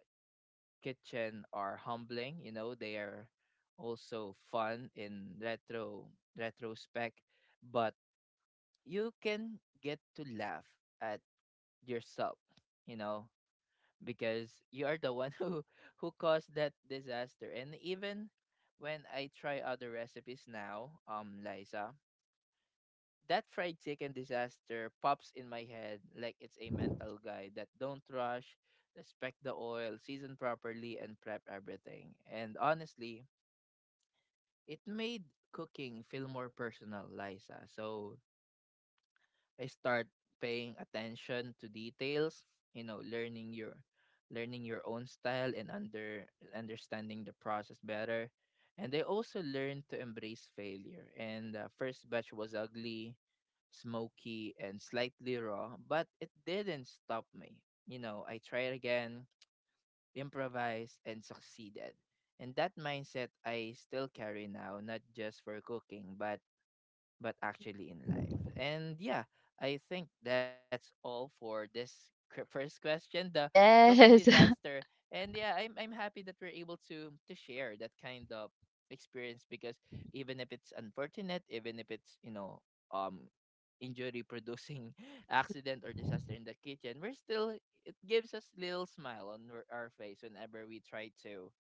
[SPEAKER 1] kitchen are humbling, you know, they are also fun in retrospect, but you can get to laugh at yourself, you know, because you are the one *laughs* who caused that disaster. And even when I try other recipes now, Liza, that fried chicken disaster pops in my head like it's a mental guide: that don't rush, respect the oil, season properly, and prep everything. And honestly, it made cooking feel more personal, Liza. So I start paying attention to details, you know, learning your own style, and understanding the process better. And I also learned to embrace failure. And the first batch was ugly, smoky, and slightly raw, but it didn't stop me. You know, I tried again, improvised, and succeeded. And that mindset I still carry now, not just for cooking, but actually in life. And yeah, I think that's all for this first question, the cooking
[SPEAKER 2] Yes. *laughs*
[SPEAKER 1] disaster. And yeah, I'm happy that we're able to share that kind of experience, because even if it's unfortunate, even if it's, you know, um injury producing *laughs* accident or disaster in the kitchen, we're still, it gives us little smile on our face whenever we try to,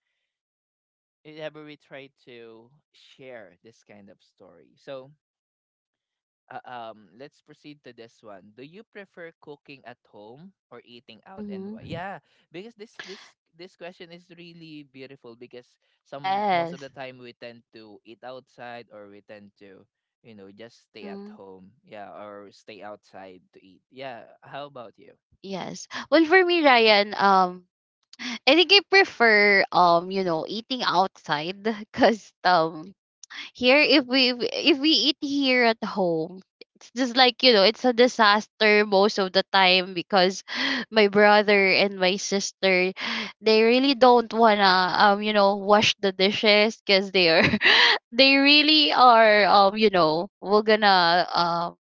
[SPEAKER 1] whenever we try to share this kind of story. So let's proceed to this one. Do you prefer cooking at home or eating out, and
[SPEAKER 2] Mhm.
[SPEAKER 1] why? Yeah, because this question is really beautiful because some, most of the
[SPEAKER 2] Yes.
[SPEAKER 1] time, we tend to eat outside, or we tend to, you know, just stay at
[SPEAKER 2] Mhm.
[SPEAKER 1] home, yeah, or stay outside to eat. Yeah, how about you?
[SPEAKER 2] Yes. Well, for me, Ryan, I think I prefer eating outside *laughs* because here, if we eat here at home, it's just like, it's a disaster most of the time, because *gasps* *sighs* my brother and my sister, they really don't wanna wash the dishes, because they are *laughs* they really are, we're gonna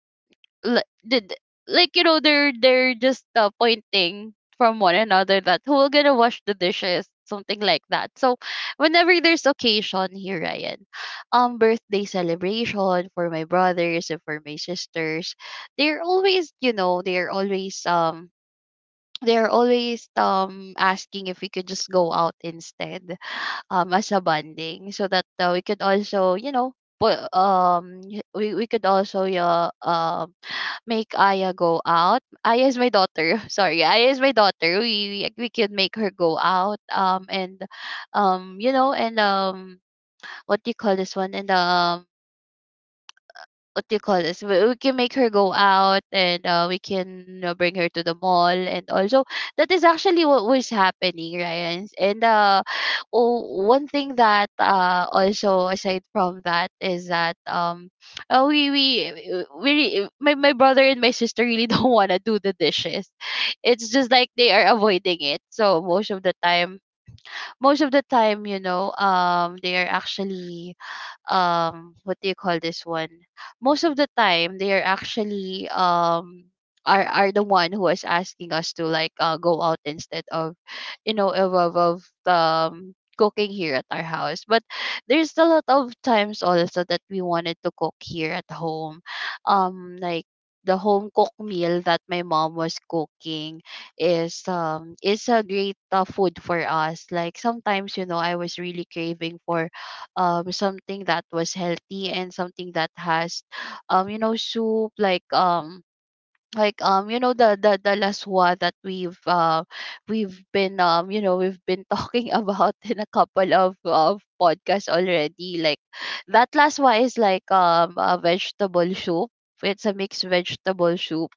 [SPEAKER 2] li- did like, they're just pointing from one another that who will gonna wash the dishes, something like that. So whenever there's occasion here, Ryan, birthday celebration for my brothers and for my sisters, they're always, they're always they're always asking if we could just go out instead, as a bonding, so that we could also, we could also make Aya go out. Aya is my daughter. *laughs* Sorry, Aya is my daughter. We could make her go out. And what do you call this one? And what do you call this? We can make her go out and we can, you know, bring her to the mall, and also that is actually what was happening, right? And oh, one thing that, also aside from that, is that my brother and my sister really *laughs* don't want to do the dishes. It's just like they are avoiding it. So most of the time, they are actually, what do you call this one? Most of the time they are actually are the one who is asking us to, like, go out, instead of, you know of of, of cooking here at our house. But there's a lot of times also that we wanted to cook here at home, like the home cooked meal that my mom was cooking is, is a great food for us. Like, sometimes, I was really craving for something that was healthy and something that has, soup, like the laswa that we've been, we've been talking *laughs* about in a couple of podcasts already. Like, that laswa is like a vegetable soup. It's a mixed vegetable soup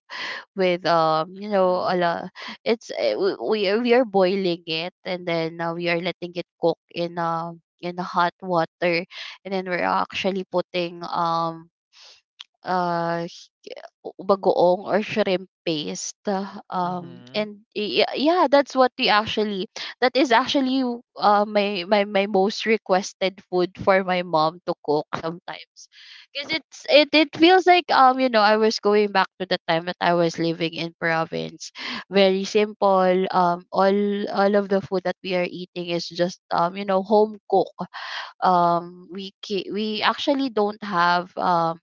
[SPEAKER 2] with,
[SPEAKER 1] Mm-hmm.
[SPEAKER 2] a lot. It's eh, we are boiling it and then we are letting it cook in the hot water. And then we're actually putting uh, s- bagoong, or shrimp paste. Um,
[SPEAKER 1] Mm-hmm.
[SPEAKER 2] and y- y- yeah, that's what we actually, that is actually, my my most requested food for my mom to cook sometimes, because it's, it feels like, I was going back to the time that I was living in province. Very simple. All, of the food that we are eating is just, home cook. We actually don't have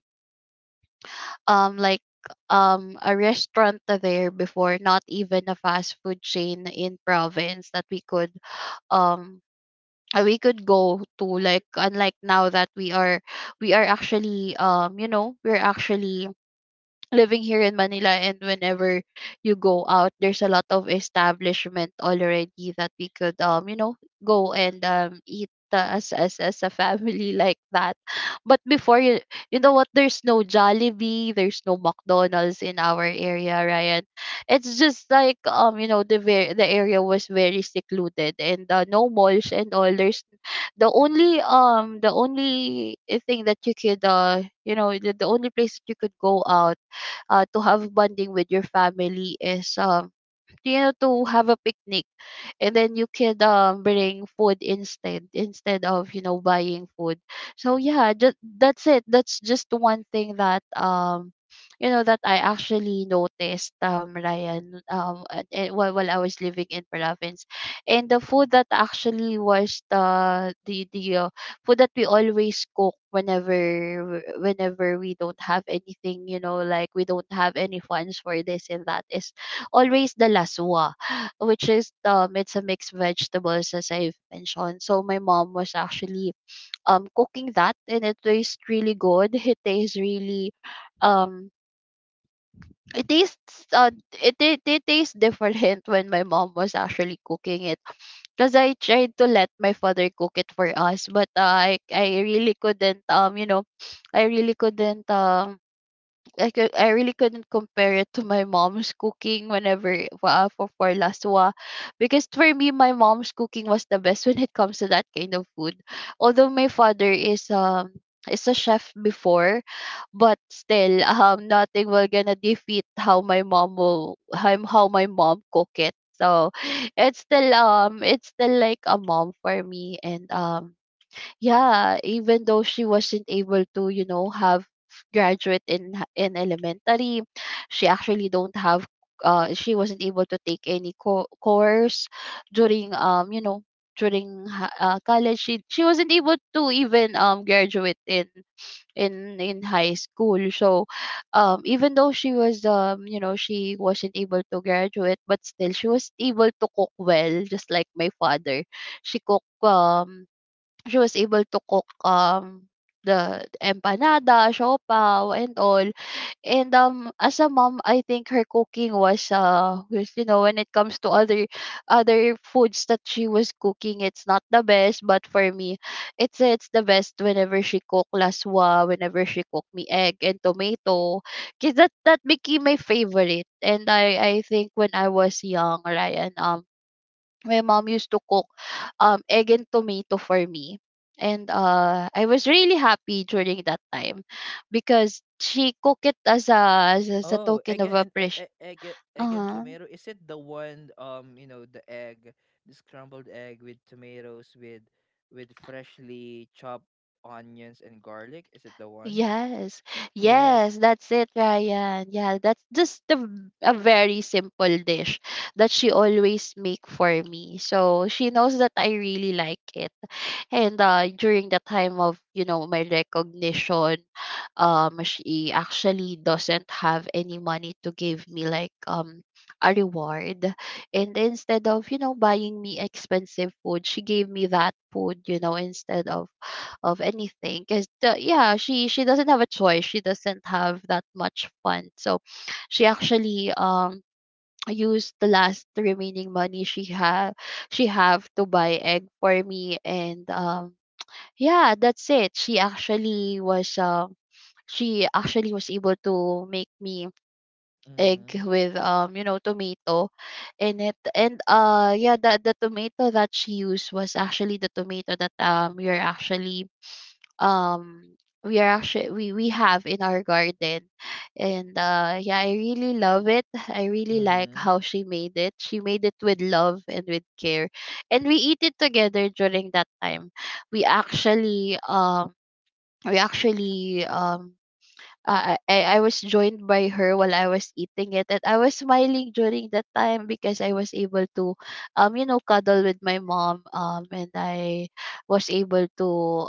[SPEAKER 2] um like a restaurant there before, not even a fast food chain in province that we could, um we could go to. Like, unlike now that we are, actually, we're actually living here in Manila. And whenever you go out, there's a lot of establishment already that we could, go and eat, as a family *laughs* like that. But before, you know what, there's no Jollibee, there's no McDonald's in our area, Ryan. It's just like, the the area was very secluded, and no malls and all. There's the only, the only thing that you could, the only place that you could go out, to have bonding with your family, is, to have a picnic. And then you could, bring food, instead, instead of, buying food. So yeah, just that's it. That's just one thing that, that I actually noticed, Ryan, and while, I was living in province. And the food that actually was the food that we always cook whenever, we don't have anything, you know, like we don't have any funds for this and that, is always the laswa, which is, it's a mixed vegetables, as I've mentioned. So my mom was actually, cooking that, and it tastes really good. It tastes really, um it tastes, it tastes different *laughs* when my mom was actually cooking it, because I tried to let my father cook it for us, but, I really couldn't, I really couldn't, I really couldn't compare it to my mom's cooking, whenever, for laswa, because for me, my mom's cooking was the best when it comes to that kind of food. Although my father is, is a chef before, but still *laughs* nothing will gonna defeat how my mom will, how my mom cook it. So, it's still, it's still like a mom for me. And yeah, even though she wasn't able to, you know, have graduate in in elementary, she actually don't have, she wasn't able to take any course during, during college, she, wasn't able to even, graduate in, high school. So, even though she was, you know, she wasn't able to graduate, but still she was able to cook well, just like my father. She cook, um she was able to cook, the empanada, siopao, and all. And as a mom, I think her cooking was, was, you know, when it comes to other, foods that she was cooking, it's not the best, but for me, it's the best whenever she cooked laswa, whenever she cooked me egg and tomato, cause that, became my favorite. And I think when I was young, Ryan, my mom used to cook, egg and tomato for me. And I was really happy during that time, because she cooked it as a, as a
[SPEAKER 1] Oh, egg
[SPEAKER 2] token of
[SPEAKER 1] and-
[SPEAKER 2] appreciation.
[SPEAKER 1] egg and- egg and
[SPEAKER 2] Uh-huh.
[SPEAKER 1] tomato. Is it the one, you know, the egg, the scrambled egg with tomatoes with freshly chopped onions and garlic? Is it the one?
[SPEAKER 2] Yes,
[SPEAKER 1] Yes.
[SPEAKER 2] yes, that's it, Ryan. Yeah, that's just the, a very simple dish that she always make for me. So she knows that I really like it. And during the time of, you know, my recognition, she actually doesn't have any money to give me, like, a reward. And instead of, you know, buying me expensive food, she gave me that food, you know, instead of, anything. Cause yeah, she doesn't have a choice. She doesn't have that much fun. So she actually, used the last remaining money she have, to buy egg for me. And yeah, that's it. She actually was, she actually was able to make me egg
[SPEAKER 1] Mm-hmm.
[SPEAKER 2] with, you know, tomato in it. And yeah, the tomato that she used was actually the tomato that, we are actually, um we have in our garden. And yeah, I really love it. I really like
[SPEAKER 1] Mm-hmm.
[SPEAKER 2] how she made it. She made it with love and with care, and we eat it together during that time. We actually, we actually um I was joined by her while I was eating it, and I was smiling during that time because I was able to, you know, cuddle with my mom, and I was able to,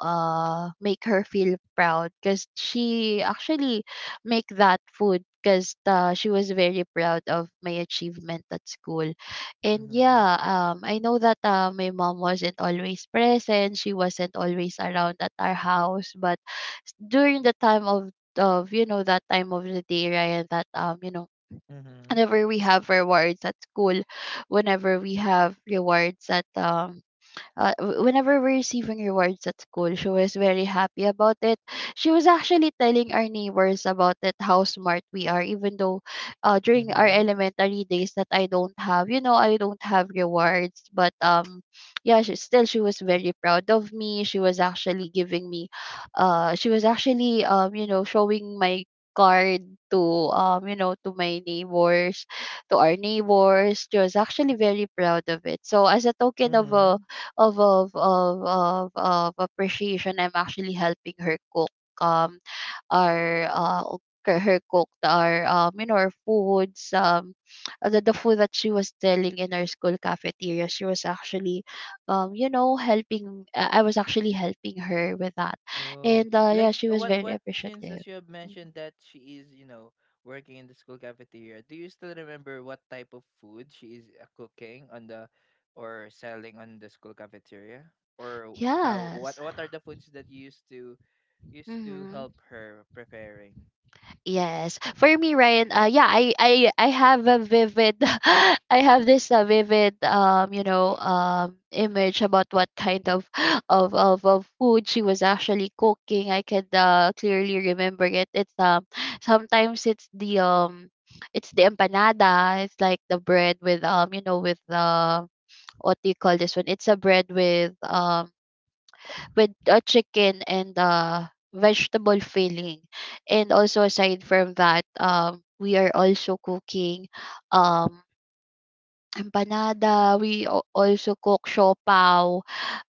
[SPEAKER 2] make her feel proud, because she actually make that food, because she was very proud of my achievement at school. And
[SPEAKER 1] Mm-hmm.
[SPEAKER 2] yeah, I know that, my mom wasn't always present, she wasn't always around at our house, but during the time of, you know, that time of the day, Ryan, that, you know,
[SPEAKER 1] Mm-hmm.
[SPEAKER 2] whenever we have rewards at school, whenever we have rewards at, whenever we're receiving rewards at school, she was very happy about it. She was actually telling our neighbors about it, how smart we are, even though, during our elementary days that I don't have, you know, I don't have rewards. But yeah, she, still she was very proud of me. She was actually giving me, she was actually, you know, showing my card to, to my neighbors, to our neighbors. She was actually very proud of it. So as a token of a,
[SPEAKER 1] Mm-hmm.
[SPEAKER 2] of appreciation, I'm actually helping her cook, um our, her cook our, you know, our foods. The, food that she was selling in our school cafeteria, she was actually, helping, I was actually helping her with that.
[SPEAKER 1] Oh,
[SPEAKER 2] And yeah,
[SPEAKER 1] like
[SPEAKER 2] she was very
[SPEAKER 1] what since as
[SPEAKER 2] appreciative.
[SPEAKER 1] you have
[SPEAKER 2] Mhm.
[SPEAKER 1] mentioned that she is, you know, working in the school cafeteria, do you still remember what type of food she is cooking on the, or selling on the school cafeteria? Or how,
[SPEAKER 2] Yes.
[SPEAKER 1] what are the foods that you used to, used to
[SPEAKER 2] Mm-hmm.
[SPEAKER 1] help her preparing?
[SPEAKER 2] Yes. For me, Ryan, yeah, I have a vivid, *laughs* I have this, vivid, you know, image about what kind of *gasps* of food she was actually cooking. I could, clearly remember it. It's, sometimes it's the, it's the empanada. It's like the bread with, you know, with, what do you call this one? It's a bread with, with a chicken and vegetable filling. And also aside from that, we are also cooking, um Empanada. We also cook siopao.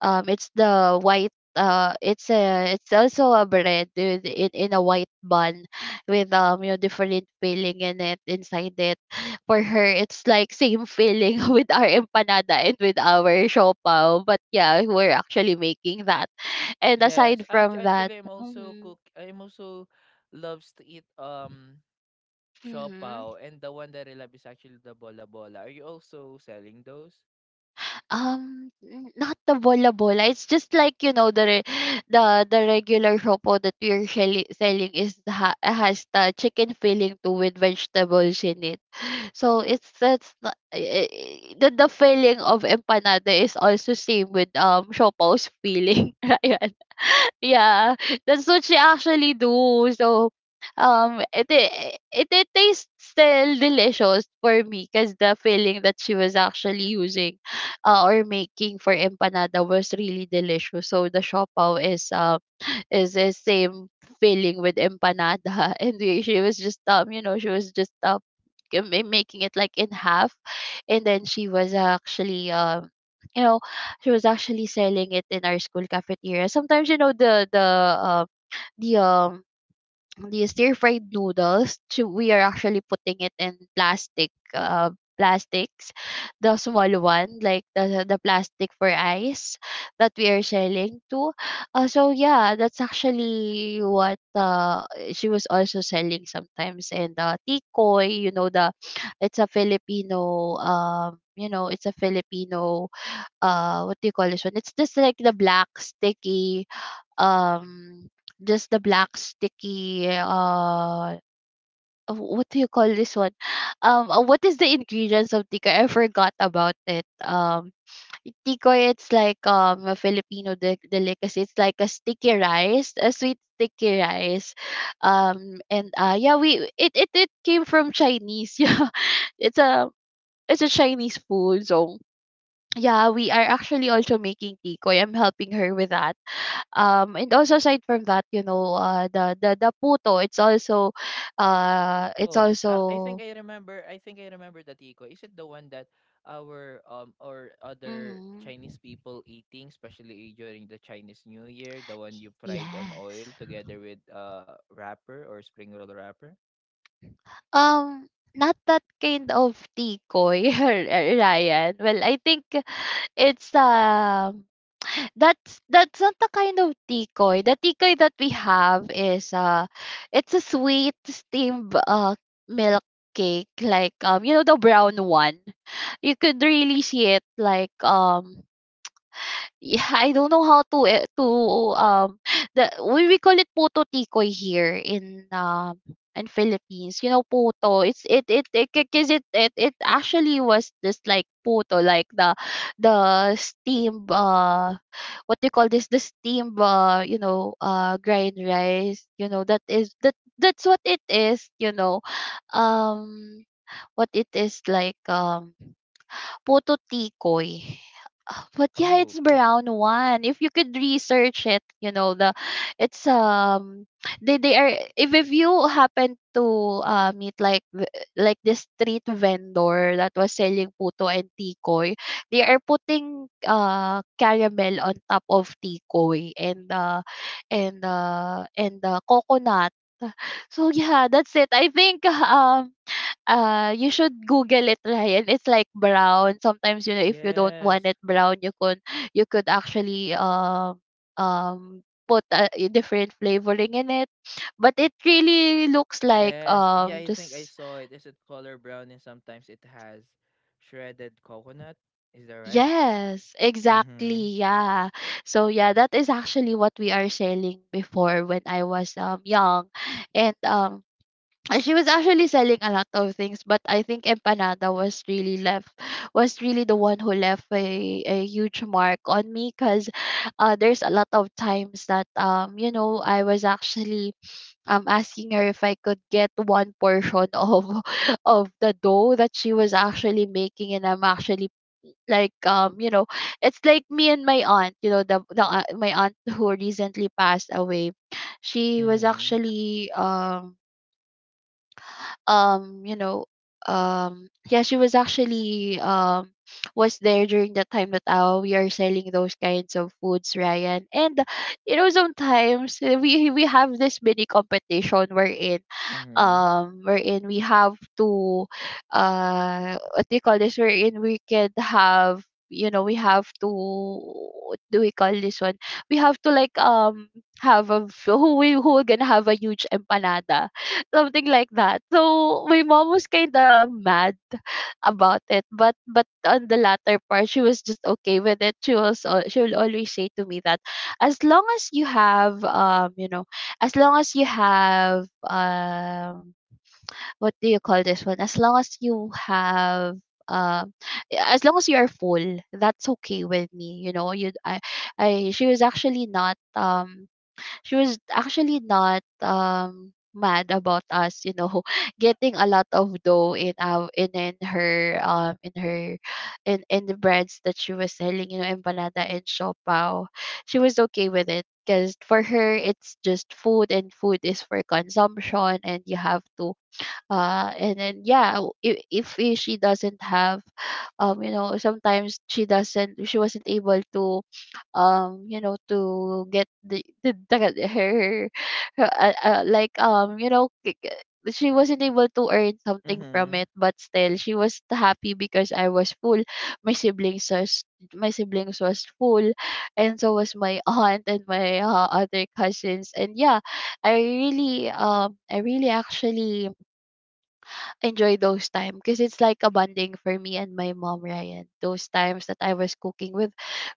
[SPEAKER 2] It's the white, it's a it's also a bread with in a white bun with different filling in it inside it. For her it's like same filling *laughs* with our empanada and with our siopao. But yeah, we're actually making that. And
[SPEAKER 1] Yes,
[SPEAKER 2] aside from that,
[SPEAKER 1] actually, I'm also
[SPEAKER 2] mm-hmm,
[SPEAKER 1] cook. I'm also loves to eat
[SPEAKER 2] mm-hmm.
[SPEAKER 1] siopaw, and the one that I love is actually the bola bola. Are you also selling those?
[SPEAKER 2] Not the bola bola. It's just like the regular shopo that we're selling has the chicken filling too with vegetables in it. So it's that's the the feeling of empanada is also same with Shopao's feeling. *laughs* Ryan. *laughs* Yeah, that's what she actually do. So it tastes still delicious for me because the filling that she was actually using or making for empanada was really delicious, so the siopaw is the same filling with empanada *laughs* and she was just she was just making it like in half. And then she was actually you know she was actually selling it in our school cafeteria sometimes, you know, the the um the stir fried noodles to, we are actually putting it in plastic, plastics, the small one, like the plastic for ice that we are selling to. So yeah, that's actually what she was also selling sometimes. And tikoy, you know, the it's a filipino it's a filipino, what do you call this one? It's just like the black sticky, um just the black sticky what do you call this one? *sighs* What is the ingredients of tikoy? I forgot about it. Tikoy, it's like a filipino delicacy. It's like a sticky rice, a sweet sticky rice. And yeah, we it came from chinese. *laughs* Yeah, it's a it's a chinese food. So yeah, we are actually also making tikoy. I'm helping her with that. And also aside from that, the puto,
[SPEAKER 1] Oh,
[SPEAKER 2] it's
[SPEAKER 1] I think I
[SPEAKER 2] also,
[SPEAKER 1] remember. I think I remember the Tico. Is it the one that our, or other
[SPEAKER 2] mhm.
[SPEAKER 1] Chinese people eating, especially during the Chinese New Year, the one you fried on oil
[SPEAKER 2] Yes.
[SPEAKER 1] together with wrapper or spring roll wrapper?
[SPEAKER 2] Um, Not that kind of tikoy, *laughs* Ryan. Well, I think it's that's not the kind of tikoy. The tikoy that we have is it's a sweet steamed milk cake, like the brown one. You could really see it like yeah, *laughs* I don't know how to um *sighs* the we call it puto tikoy here in Philippines. You know puto. It's it it it because it actually was this like puto, like the steam, what do you call this, the steam grind rice. You know that is that's what it is. You know um what it is like, puto tikoy. *gasps* But yeah,
[SPEAKER 1] Oh,
[SPEAKER 2] it's
[SPEAKER 1] put
[SPEAKER 2] brown one. If you could research it, you know, the it's they are, if you happen to meet like like this street vendor that was selling puto and tikoy, they are putting caramel on top of tikoy and coconut. So yeah, that's it. I think *laughs* you should Google it, Ryan. It's like brown. Sometimes, you know, if you don't want
[SPEAKER 1] Yes,
[SPEAKER 2] it brown, you could actually um put a different flavoring in it. But it really looks like
[SPEAKER 1] yes, yeah. I think I
[SPEAKER 2] just
[SPEAKER 1] saw it. Is it color brown, and sometimes it has shredded coconut? Is that right?
[SPEAKER 2] yes,
[SPEAKER 1] Mm-hmm.
[SPEAKER 2] exactly. Yeah. So yeah, that is actually what we are selling before when I was young. And she was actually selling a lot of things, but I think empanada was really left was really the one who left a huge mark on me because there's a lot of times that I was actually asking her if I could get one portion of *laughs* of the dough that she was actually making and I'm actually like it's like me and my aunt, you know, the my aunt who recently passed away, she was
[SPEAKER 1] Mm-hmm.
[SPEAKER 2] actually um you know yeah, she was actually *sniffs* was there during the time that we are selling those kinds of foods, ryan. And you know sometimes we have this mini competition wherein
[SPEAKER 1] Mm-hmm.
[SPEAKER 2] wherein we have to, what do you call this, wherein we can have, you know, we have to, what do we call this one, we have to like have a *laughs* who we who are gonna have a huge empanada, something like that. So my mom was kind of mad about it, but on the latter part, she was just okay with it. She was she will always say to me that as long as you have as long as you have what do you call this one? As long as you have um as long as you are full, that's okay with me. You know, you I, she was actually not she was actually not mad about us, you know, *laughs* getting a lot of dough in our in her in her in the breads that she was selling, you know, empanada and siopao. She was okay with it because for her it's just food, and food is for consumption, and you have to and then yeah, if she doesn't have sometimes she doesn't, she wasn't able to to get the her, her like she wasn't able to earn something from
[SPEAKER 1] Mm-hmm.
[SPEAKER 2] it, but still she was happy because I was full, my siblings was my siblings was full. And so was my *laughs* aunt and my other cousins. And yeah, I really actually enjoy those time because it's like a bonding for me and my mom, Ryan, those times that I was cooking with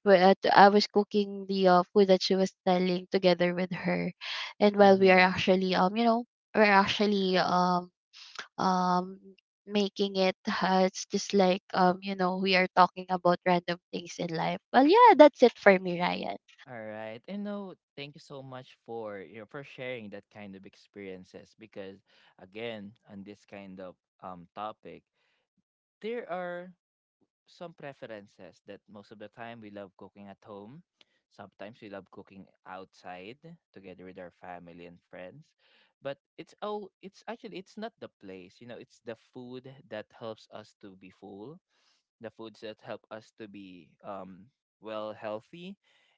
[SPEAKER 2] I was cooking the food that she was selling together with her. And while we are
[SPEAKER 1] Mm-hmm.
[SPEAKER 2] actually we're actually um making it it's just like we are talking about random things in life. Well yeah, that's it for me, Ryan.
[SPEAKER 1] All right. And no, thank you so much for, you know, for sharing that kind of experiences, because again, on this kind of topic, there are some preferences that most of the time we love cooking at home. Sometimes we love cooking outside together with our family and friends. But it's all, it's actually, it's not the place, you know, it's the food that helps us to be full, the foods that help us to be well, healthy.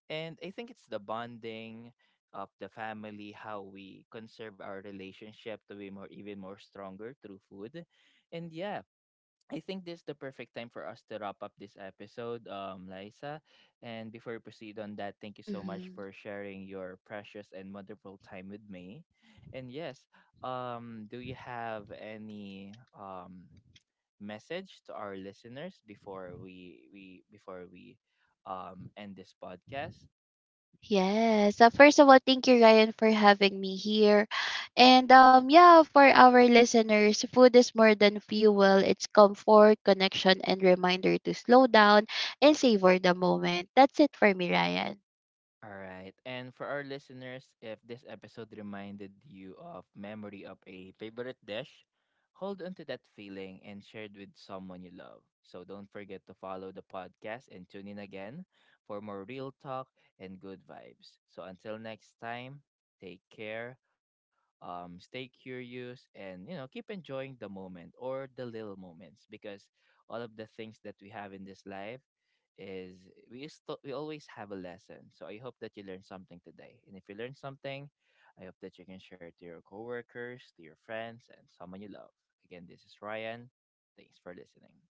[SPEAKER 1] And I think it's the bonding of the family, how we conserve our relationship to be more, even more stronger, through food. And yeah, I think this is the perfect time for us to wrap up this episode, Liza. And before we proceed on that, thank you so much
[SPEAKER 2] Hmm.
[SPEAKER 1] for sharing your precious and wonderful time with me. And yes, do you have any message to our listeners before we before we end this podcast?
[SPEAKER 2] Yes. So first of all, thank you, Ryan, for having me here. And yeah, for our listeners, food is more than fuel. It's comfort, connection, and reminder to slow down and savor the moment. That's it for me, Ryan.
[SPEAKER 1] All right. And for our listeners, if this episode reminded you of memory of a favorite dish, hold on to that feeling and share it with someone you love. So don't forget to follow the podcast and tune in again for more real talk and good vibes. So until next time, take care, stay curious, and you know, keep enjoying the moment or the little moments, because all of the things that we have in this life is, we still we always have a lesson. So I hope that you learned something today. And if you learned something, I hope that you can share it to your coworkers, to your friends, and someone you love. Again, this is Ryan. Thanks for listening.